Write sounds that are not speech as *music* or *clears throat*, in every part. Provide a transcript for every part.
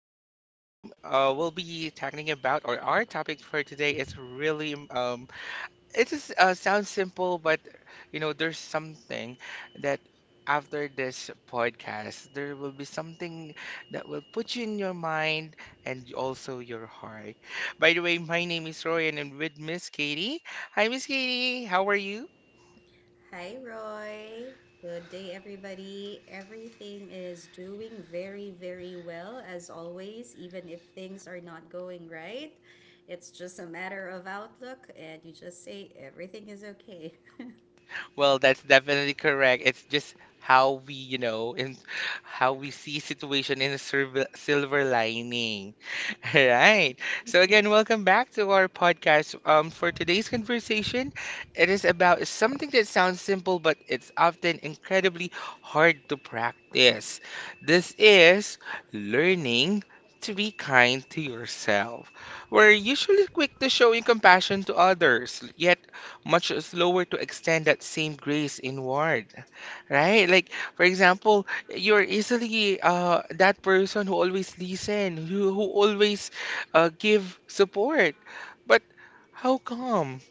And today we'll be talking about, or our topic for today is really it is sounds simple, but you know, there's something that after this podcast, there will be something that will put you in your mind and also your heart. By the way, my name is Roy, and I'm with Miss Katie. Hi, Miss Katie, how are you? Hi, Roy. Good day, everybody. Everything is doing very, very well, as always, even if things are not going right. It's just a matter of outlook, and you just say everything is okay. *laughs* Well, that's definitely correct. It's just how we, you know, in how we see situation in a silver lining. *laughs* All right. So again, welcome back to our podcast. For today's conversation, it is about something that sounds simple, but it's often incredibly hard to practice. This is learning to be kind to yourself. We're usually quick to showing compassion to others, yet much slower to extend that same grace inward, right? Like, for example, you're easily that person who always listen, who always give support. But how come?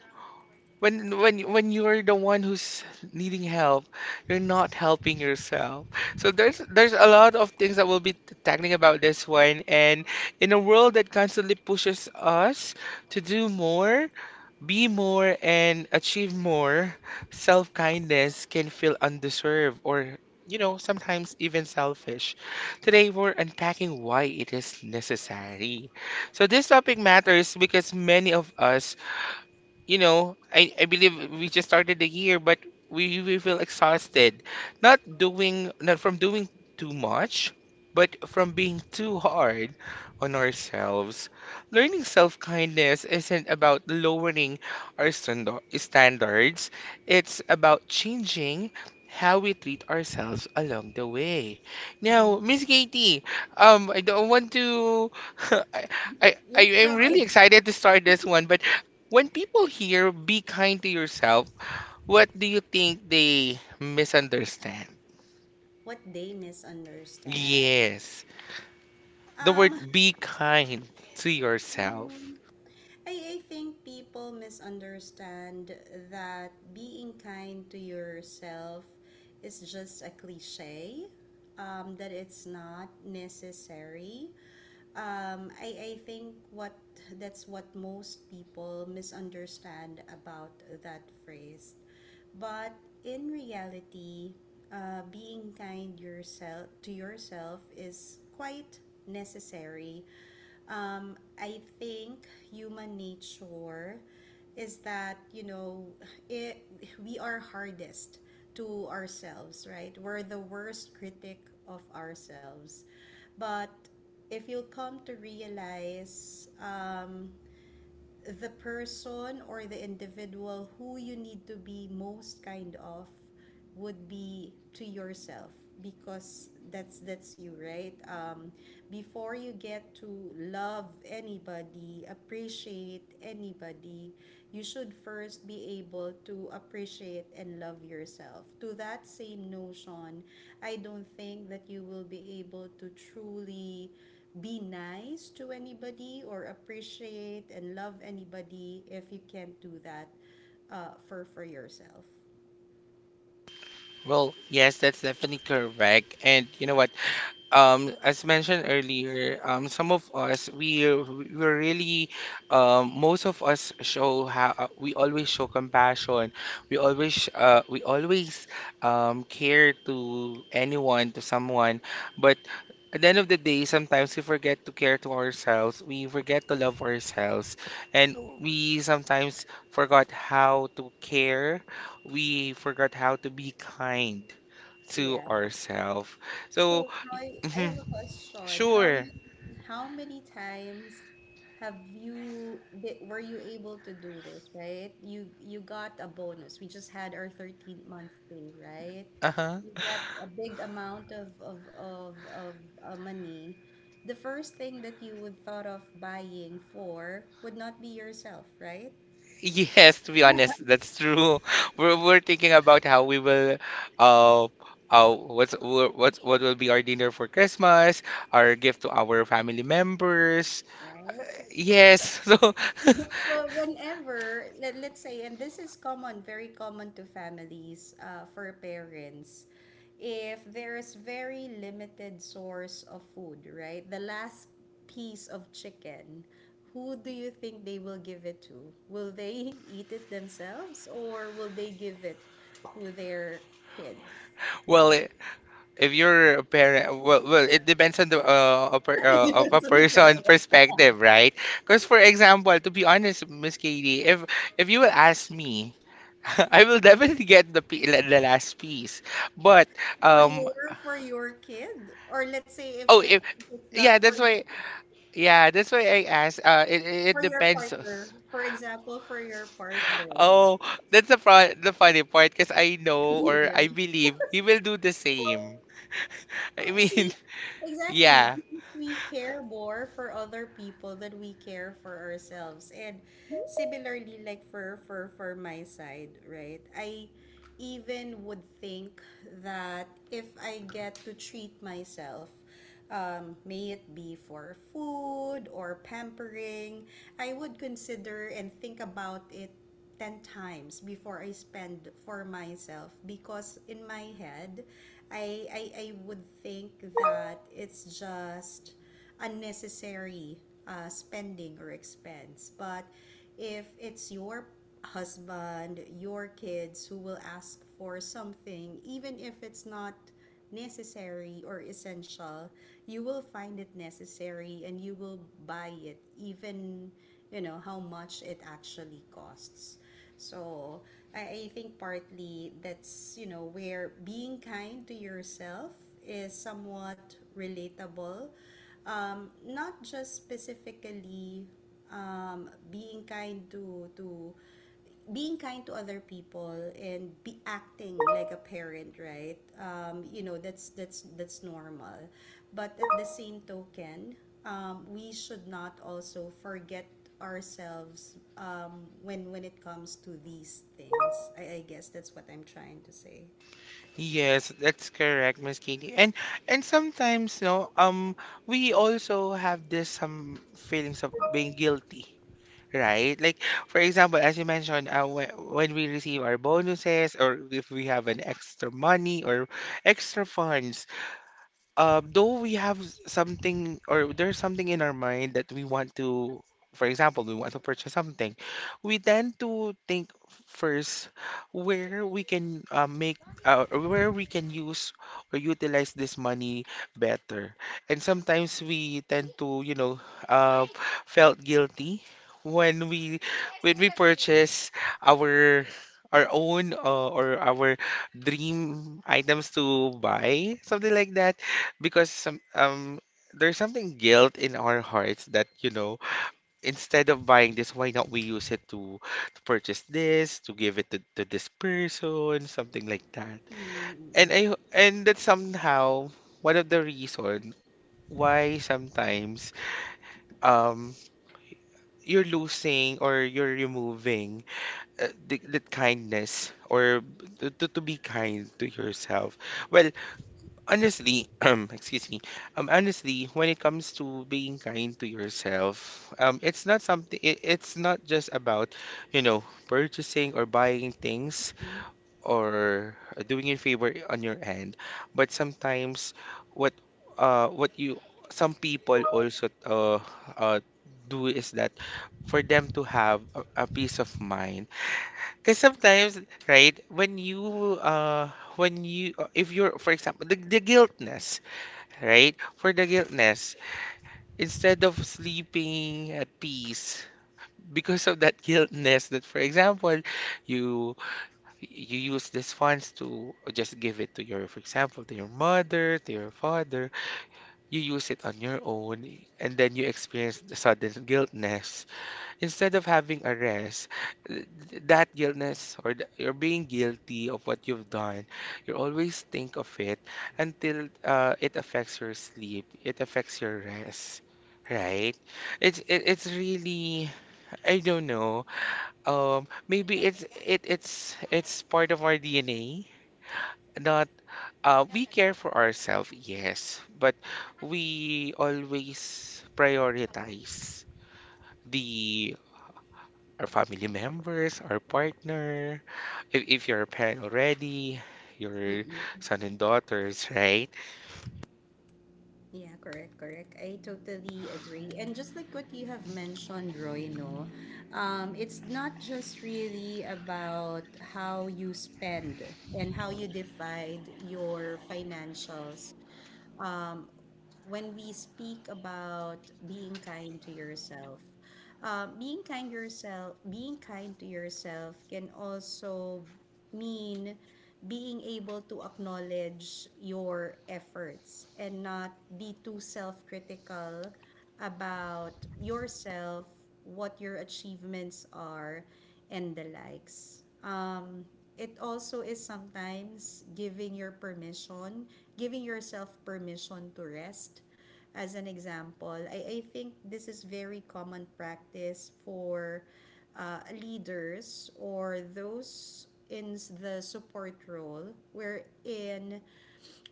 When you're the one who's needing help, you're not helping yourself. So there's a lot of things that we'll be tackling about this one. And in a world that constantly pushes us to do more, be more and achieve more. Self kindness can feel undeserved or, you know, sometimes even selfish. Today, we're unpacking why it is necessary. So, this topic matters because many of us you know, I believe we just started the year, but we feel exhausted. Not from doing too much, but from being too hard on ourselves. Learning self kindness isn't about lowering our standards, it's about changing how we treat ourselves along the way. Hmm. Now, Miss Katie, I don't want to. *laughs* I, I Yes, am Roy. really excited to start this one, but when people hear be kind to yourself, what do you think they misunderstand? What they misunderstand? Yes, the Um, word be kind to yourself. I think people misunderstand that being kind to yourself is just a cliche, that it's not necessary. I think what that's what most people misunderstand about that phrase. But in reality, being kind yourself to yourself is quite necessary. I think human nature is that, you know, it we are hardest to ourselves, right? We're the worst critic of ourselves. But if you come to realize, the person or the individual who you need to be most kind of would be to yourself, because that's you, right? Before you get to love anybody, appreciate anybody, you should first be able to appreciate and love yourself. To that same notion, I don't think that you will be able to truly be nice to anybody or appreciate and love anybody if you can't do that for yourself. Well, yes, that's definitely correct. And you know what? As mentioned earlier, some of us we're really most of us show how we always show compassion. We always care to anyone to someone, but at the end of the day, sometimes we forget to care to ourselves. We forget to love ourselves, and we sometimes forgot how to care. We forgot how to be kind to ourselves. So, So Roy, I mhm, have a question. Sure. How many times have you were you able to do this, right? You got a bonus. We just had our 13th month pay, right? Uh-huh. You got a big amount of money. The first thing that you would thought of buying for would not be yourself, right? Yes, to be honest, that's true. *laughs* We're thinking about how we will uh what's what will be our dinner for Christmas, our gift to our family members. Right? Yes. *laughs* So *laughs* So whenever, let's say, and this is common, very common to families, for parents, if there is very limited source of food, right? The last piece of chicken, who do you think they will give it to? Will they *laughs* eat it themselves or will they give it to their kids? well, if you're a parent, well, it depends on the *laughs* Depends a on the person parent. *laughs* perspective, right? Because for example, to be honest, Miss Katie, if you will ask me *laughs* I will definitely get the the last piece. But For um your kid? Or let's say oh if if, it's not yeah, for that's your why kid. yeah, that's why I asked For it your depends. partner. For example, for your partner. Oh, that's the the funny part because I *laughs* know You or will. I believe he will do the same. *laughs* I mean, See, exactly. yeah. Because we care more for other people than we care for ourselves. And similarly, like for my side, right? I even would think that if I get to treat myself, may it be for food or pampering, I would consider and think about it 10 times before I spend for myself, because in my head, I would think that it's just unnecessary spending or expense. But if it's your husband, your kids who will ask for something, even if it's not necessary or essential, you will find it necessary and you will buy it, even you know how much it actually costs. So I think partly that's, you know, where being kind to yourself is somewhat relatable. Not just specifically, um, being kind to being kind to other people and be acting like a parent, right? You know, that's normal. But at the same token, we should not also forget ourselves when it comes to these things. I guess that's what I'm trying to say. Yes, that's correct, Miss Katie. And sometimes, no, we also have this some feelings of being guilty right? Like, for example, as you mentioned, when we receive our bonuses or if we have an extra money or extra funds, though we have something or there's something in our mind that we want to, for example, we want to purchase something, we tend to think first where we can make or where we can use or utilize this money better. And sometimes we tend to, you know, uh, felt guilty when we when we purchase our our own or our dream items to buy, something like that because some there's something guilt in our hearts that you know instead of buying this why not we use it to purchase this to give it to this person something like that and Mm-mm. And that's somehow one of the reason why sometimes um you're losing or you're removing the kindness or to, to be kind to yourself well honestly, *clears throat* excuse me. Honestly, when it comes to being kind to yourself, it's not something. It, it's not just about, you know, purchasing or buying things or doing a favor on your end, but sometimes what, what you some people also uh do is that for them to have a peace of mind. Because sometimes, right, when you if you're for example the guiltness right? For the guiltness, instead of sleeping at peace because of that guiltness, that for example, you you use these funds to just give it to your, for example, to your mother, to your father, you use it on your own, and then you experience the sudden guiltness instead of having a rest, that guiltness or you're being guilty of what you've done, you always think of it until it affects your sleep, it affects your rest, right? It's really I don't know. Maybe it's it it's part of our DNA. Not we care for ourselves, yes, but we always prioritize the our family members, our partner, if you're a parent already, your son and daughters, right? Yeah, correct, correct. I totally agree. And just like what you have mentioned, Roy, no, it's not just really about how you spend and how you divide your financials. Um, when we speak about being kind to yourself, being kind to yourself can also mean being able to acknowledge your efforts and not be too self-critical about yourself, what your achievements are, and the likes. It also is sometimes giving your permission, giving yourself permission to rest. As an example, I think this is very common practice for leaders or those in the support role, wherein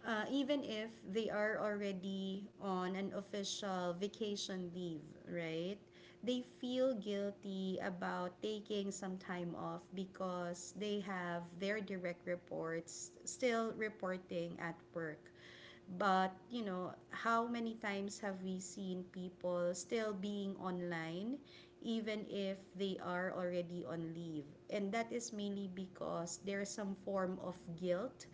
even if they are already on an official vacation leave, right? They feel guilty about taking some time off because they have their direct reports still reporting at work. But, you know, how many times have we seen people still being online even if they are already on leave. And that is mainly because there's some form of guilt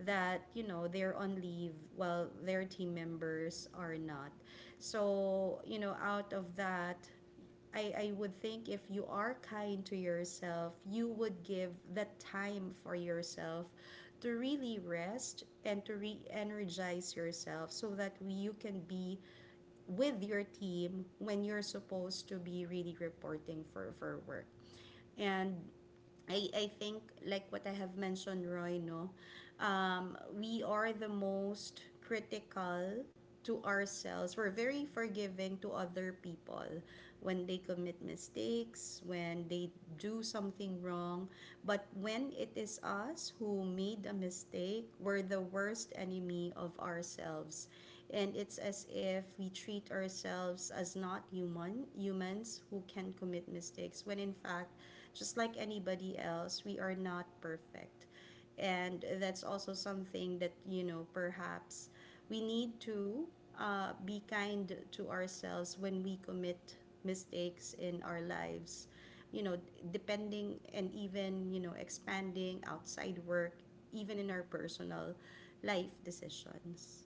that, you know, they're on leave while their team members are not. So, you know, out of that, I would think if you are kind to yourself, you would give the time for yourself to really rest and to re energize yourself so that you can be with your team when you're supposed to be really reporting for work. And I think, like what I have mentioned, Roy, no, we are the most critical to ourselves. We're very forgiving to other people when they commit mistakes, when they do something wrong. But when it is us who made a mistake, we're the worst enemy of ourselves, and it's as if we treat ourselves as not human humans who can commit mistakes, when in fact, just like anybody else, we are not perfect. And that's also something that, you know, perhaps we need to be kind to ourselves when we commit mistakes in our lives, you know, depending and even, you know, expanding outside work, even in our personal life decisions.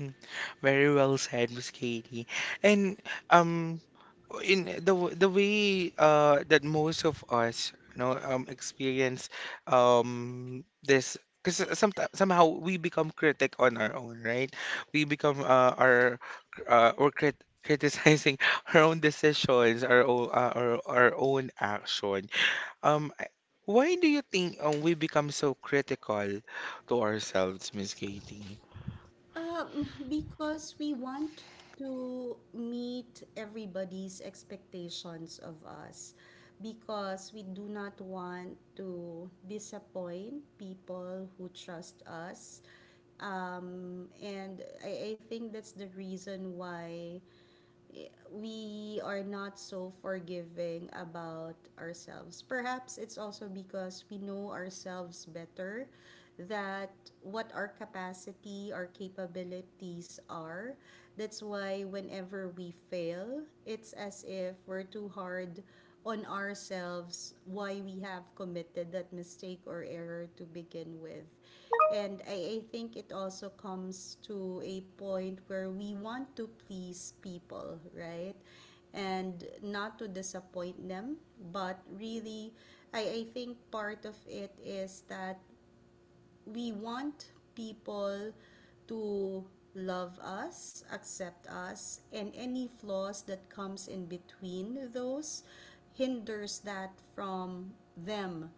Mm, very well said, Miss Katie. And um, in the the way that most of us, you know, experience this. Because sometimes somehow we become critic on our own, right? We become our or crit criticizing *laughs* our own decisions, our own our own action. Um, I- why do you think we become so critical to ourselves, Miss Katie? Because we want to meet everybody's expectations of us. Because we do not want to disappoint people who trust us. And I think that's the reason why we are not so forgiving about ourselves. Perhaps it's also because we know ourselves better, that what our capacity, our capabilities are. That's why whenever we fail, it's as if we're too hard on ourselves why we have committed that mistake or error to begin with. And I think it also comes to a point where we want to please people, right? And not to disappoint them, but really, I think part of it is that we want people to love us, accept us, and any flaws that comes in between those hinders that from them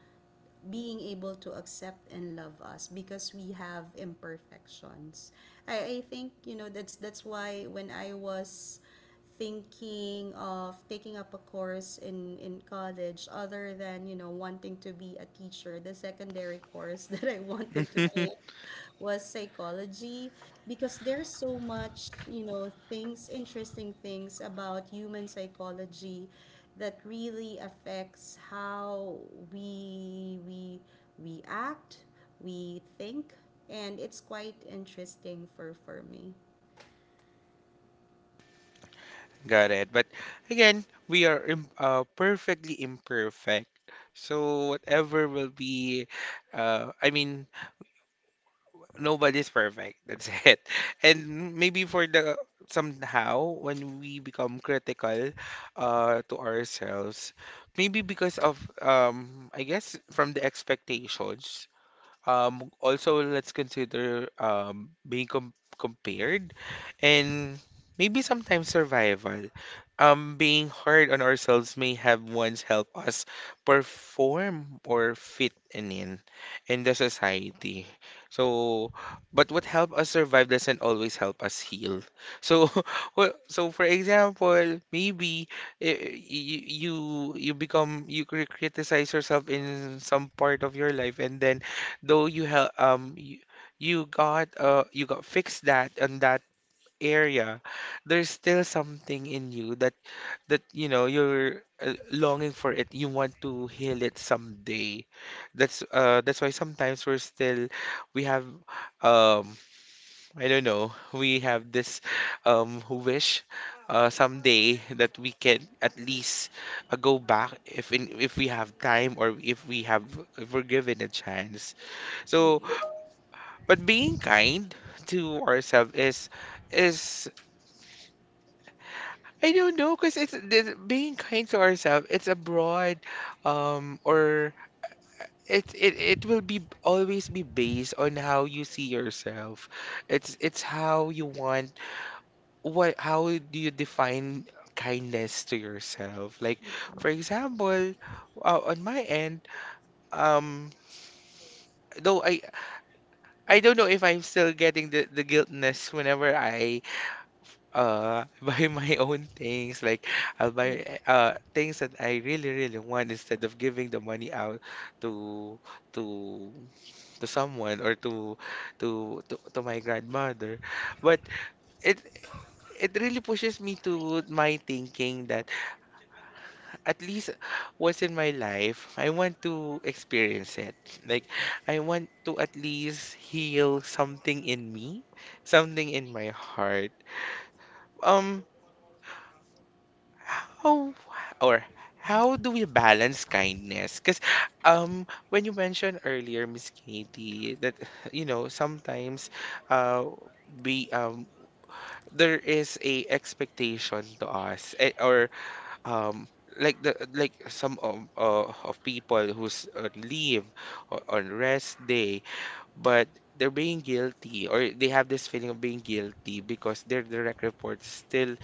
being able to accept and love us, because we have imperfections. I think, you know, that's why when I was thinking of taking up a course in college, other than, you know, wanting to be a teacher, the secondary course *laughs* that I wanted to take *laughs* was psychology, because there's so much, you know, things, interesting things about human psychology that really affects how we we we act, we think, and it's quite interesting for me. Got it. But again, we are im perfectly imperfect. So whatever will be, I mean, nobody's perfect. That's *laughs* it. And maybe for the somehow when we become critical, to ourselves, maybe because of I guess from the expectations. Also, let's consider being compared and maybe sometimes survival. Being hard on ourselves may have once helped us perform or fit in in the society. So, but what helped us survive doesn't always help us heal. So, *laughs* well, so for example, maybe eh, you you you become you criticize yourself in some part of your life and then though you have you got fixed that on that area, there's still something in you that that you know you're longing for it. You want to heal it someday. That's why sometimes we're still we have um I don't know we have this wish someday that we can at least go back if we have time or if we have if we're given a chance. So but being kind to ourselves is I don't know because being kind to ourselves. It's a broad, or it will be always be based on how you see yourself. It's how you want what how do you define kindness to yourself? Like for example, on my end, um, though I don't know if I'm still getting the guiltness whenever I *laughs* buy my own things like I'll buy things that I really want instead of giving the money out to to to someone or to my grandmother but it it really pushes me to my thinking that at least once in my life I want to experience it like I want to at least heal something in me something in my heart um how or how do we balance kindness? Because when you mentioned earlier, Miss Katie, that *laughs* you know sometimes uh, we there is a expectation to us or um like the like some of people who's on leave or on rest day but they're being guilty or they have this feeling of being guilty because their direct report still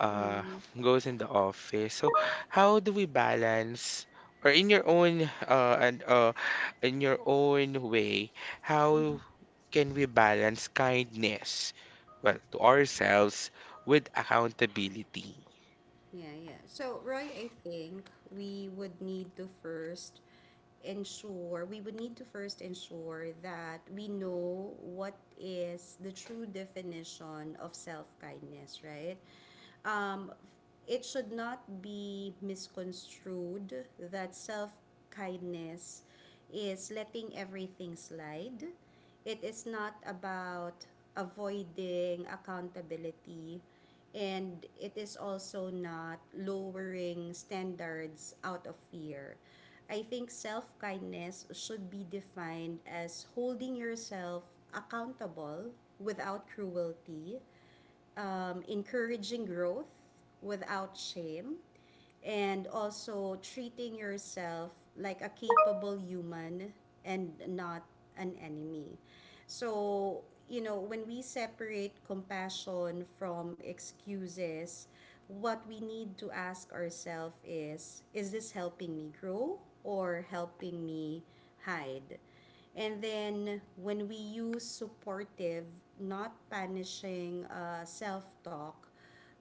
uh, Mm-hmm. goes in the office. So how do we balance or in your own and in your own way, how Mm-hmm. can we balance kindness well to ourselves with accountability? Yeah, yeah. So, Roy, I think we would need to first we would need to first ensure that we know what is the true definition of self kindness, right? Um, it should not be misconstrued that self kindness is letting everything slide. It is not about avoiding accountability, and it is also not lowering standards out of fear. I think self kindness should be defined as holding yourself accountable without cruelty, encouraging growth without shame, and also treating yourself like a capable human and not an enemy. So, you know, when we separate compassion from excuses, what we need to ask ourselves is this helping me grow or helping me hide? And then when we use supportive, not punishing self talk,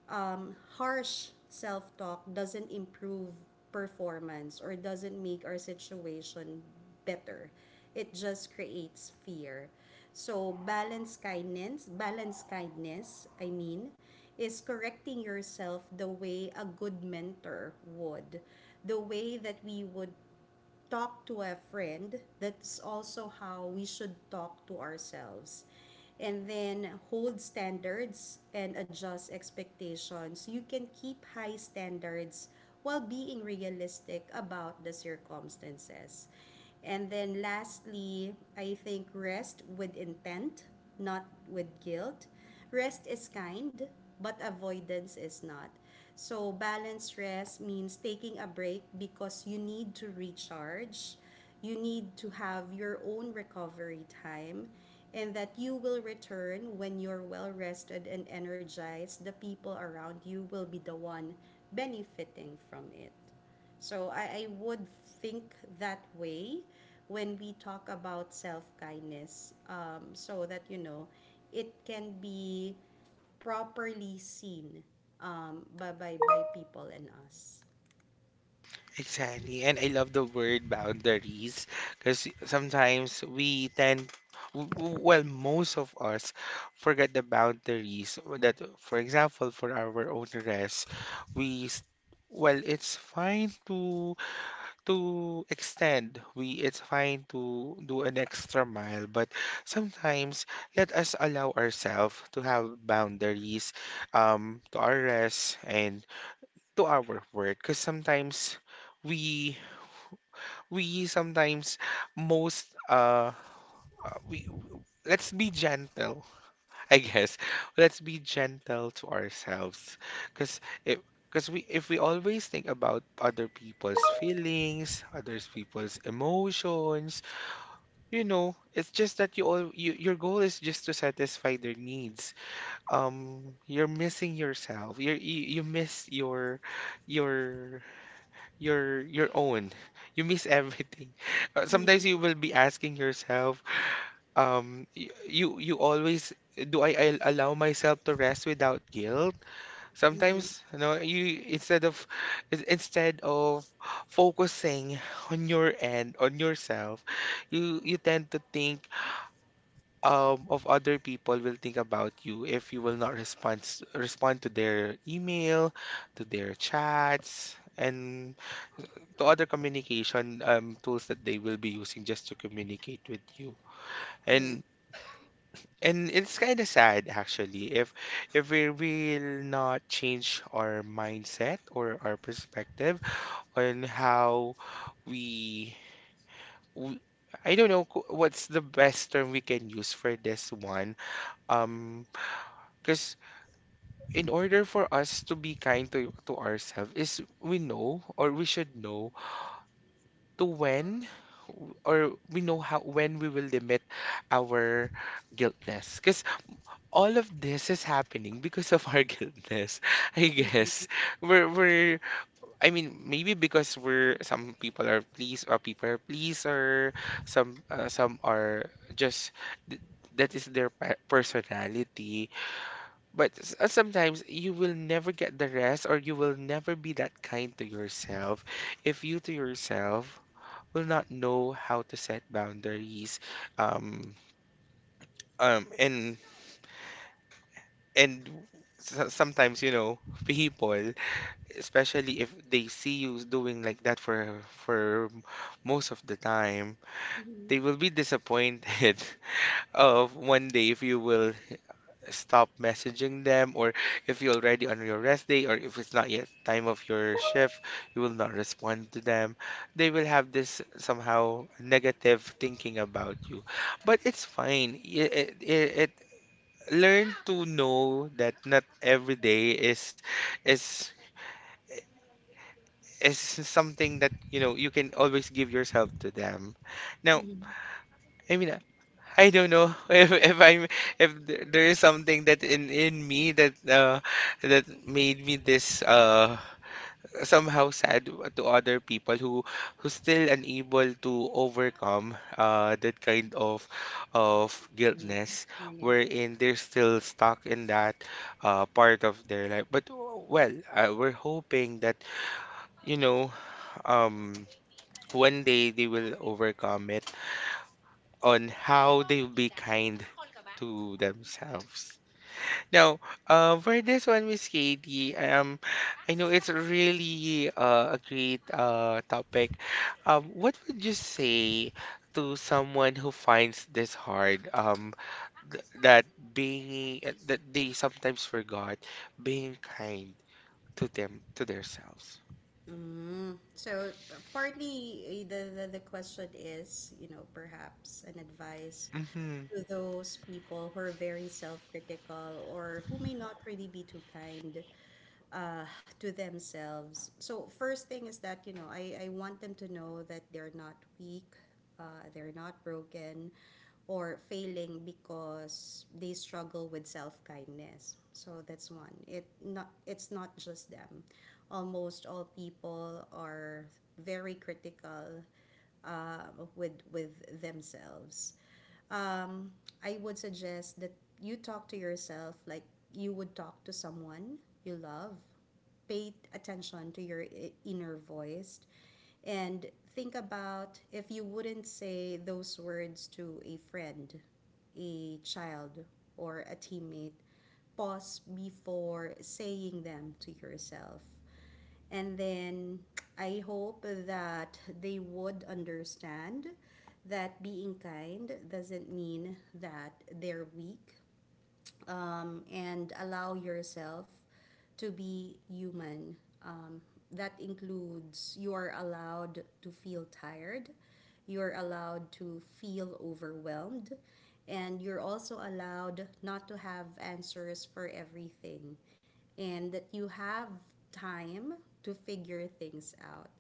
harsh self talk doesn't improve performance or doesn't make our situation better. It just creates fear. So balance kindness, I mean, is correcting yourself the way a good mentor would, the way that we would talk to a friend, that's also how we should talk to ourselves. And then hold standards and adjust expectations. You can keep high standards while being realistic about the circumstances. And then lastly, I think rest with intent, not with guilt. Rest is kind, but avoidance is not. So, balanced rest means taking a break because you need to recharge, you need to have your own recovery time, and that you will return when you're well rested and energized. The people around you will be the one benefiting from it. So I would think that way when we talk about self kindness, so that, you know, it can be properly seen, by, by people and us. Exactly. And I love the word boundaries because sometimes we tend, w- w- well, most of us forget the boundaries that, for example, for our own rest, we, s- well, it's fine to extend. We, it's fine to do an extra mile, but sometimes let us allow ourselves to have boundaries, to our rest and to our work because sometimes we we sometimes most we let's be gentle *laughs* i guess let's be gentle to ourselves. Because if we always think about other people's feelings, other people's emotions, it's just that your goal is just to satisfy their needs. You're missing yourself. You you miss your your your own. You miss everything. *laughs* Sometimes you will be asking yourself, y- you always do I allow myself to rest without guilt? Mm-hmm. Sometimes, you, instead of in- instead of focusing on yourself, you tend to think of other people, will think about you if you will not respond to their email, to their chats, and to other communication tools that they will be using just to communicate with you. Right. And and it's kind of sad actually if we will not change our mindset or our perspective on how we, w I don't know, what's the best term we can use for this one. Um, because in order for us to be kind to ourselves is, we know, or we should know to when, or we know how, when we will limit our guiltness. Because all of this is happening because of our *laughs* guiltness, I Mm-hmm. guess we're I mean maybe because we're some people are please, or people are pleaser. Some some are just, th- that is their personality. But, sometimes you will never get the rest, or you will never be that kind to yourself if you, to yourself, will not know how to set boundaries. um and and sometimes, people, especially if they see you doing like that for most of the time, they Mm-hmm. will be disappointed *laughs* of one day, if you will stop messaging them, or if you're already on your rest day, or if it's not yet time of your shift, you will not respond to them. They will have this somehow negative thinking about you. But it's fine. It Learn to know that not every day is is something that, you know, you can always give yourself to them. Now, I mean, I don't know *laughs* if I'm, if there is something that in me that that made me this, somehow sad, to other people who still unable to overcome that kind of Yeah. guiltness, Yeah, yeah. wherein they're still stuck in that part of their life. But well, we're hoping that, you know, um one day they will overcome it, on how they'll be kind to themselves. Now, for this one, Miss Katie, I know it's really, a great, topic. What would you say to someone who finds this hard? That being, that they sometimes forgot being kind to them to themselves. Mm. So partly the question is, you know, perhaps an advice Mm-hmm. to those people who are very self-critical or who may not really be too kind uh, to themselves. So first thing is that, you know, I want them to know that they're not weak, they're not broken, or failing because they struggle with self kindness. So that's one. It's not just them. Almost all people are very critical with themselves. um, I would suggest that you talk to yourself like you would talk to someone you love. Pay attention to your inner voice, and think about if you wouldn't say those words to a friend, a child, or a teammate, pause before saying them to yourself. And then I hope that they would understand that being kind doesn't mean that they're weak, and allow yourself to be human. Um, that includes, you are allowed to feel tired, you're allowed to feel overwhelmed, and you're also allowed not to have answers for everything, and that you have time to figure things out.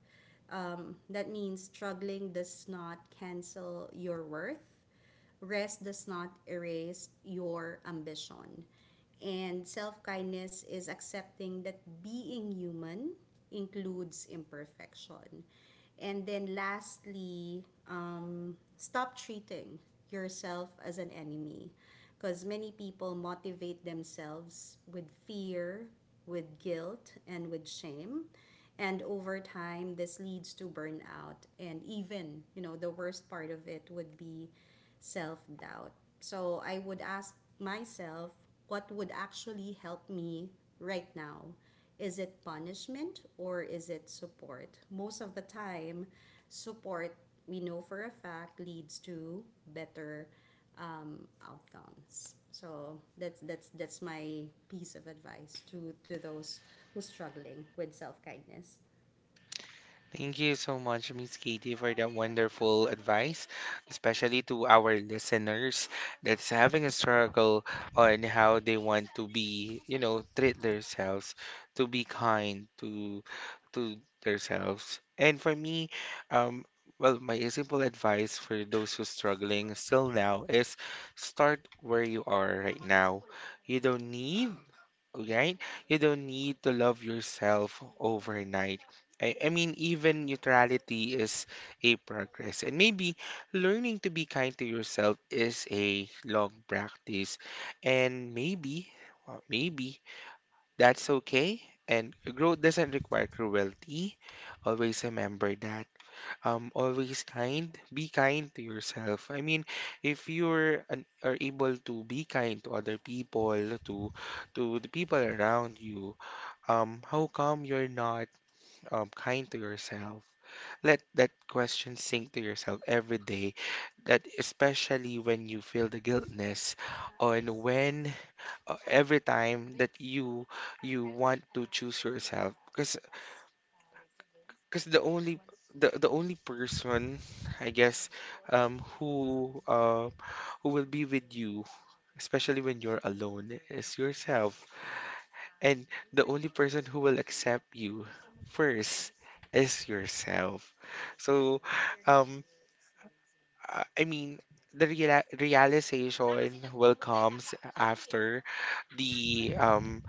That means struggling does not cancel your worth, rest does not erase your ambition. And self kindness is accepting that being human includes imperfection. And then lastly, stop treating yourself as an enemy, because many people motivate themselves with fear, with guilt and with shame, and over time this leads to burnout, and even, you know, the worst part of it would be self-doubt. So I would ask myself, what would actually help me right now? Is it punishment or is it support? Most of the time support, we know for a fact, leads to better outcomes. So that's my piece of advice to those who's struggling with self kindness. Thank you so much, Miss Katie, for that wonderful advice, especially to our listeners that's having a struggle on how they want to be, you know, treat themselves, to be kind to themselves. And for me, um, well, my simple advice for those who struggling still now is, start where you are right now. You don't need, right? You don't need to love yourself overnight. I mean, even neutrality is a progress. And maybe learning to be kind to yourself is a long practice. And maybe, well, maybe that's okay. And growth doesn't require cruelty. Always remember that, always kind. Be kind to yourself. I mean, if you're an, are able to be kind to other people, to to the people around you, how come you're not, kind to yourself? Let that question sink to yourself every day. That, especially when you feel the guiltness, on when, every time that you want to choose yourself. Because the only, the only person, I guess, who, who will be with you, especially when you're alone, is yourself. And the only person who will accept you first is yourself. So, um, I mean, the reala realization will comes after the, um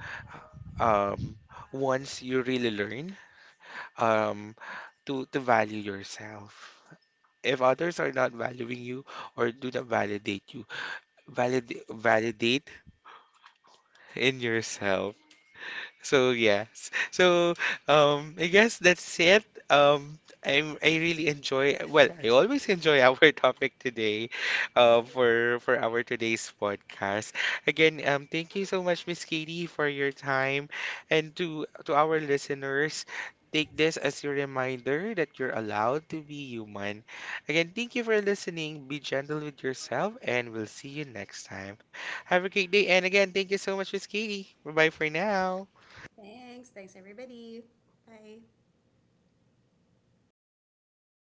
um once you really learn, um to value yourself. If others are not valuing you or do not validate you, validate in yourself. So yes. So I guess that's it. I really enjoy, well, I always enjoy our *laughs* topic today, for our today's podcast. Again, um, thank you so much, Miss Katie, for your time, and to our listeners, take this as your reminder that you're allowed to be human. Again, thank you for listening. Be gentle with yourself, and we'll see you next time. Have a great day. And again, thank you so much, Miss Katie. Bye bye for now. Thanks, thanks everybody. Bye.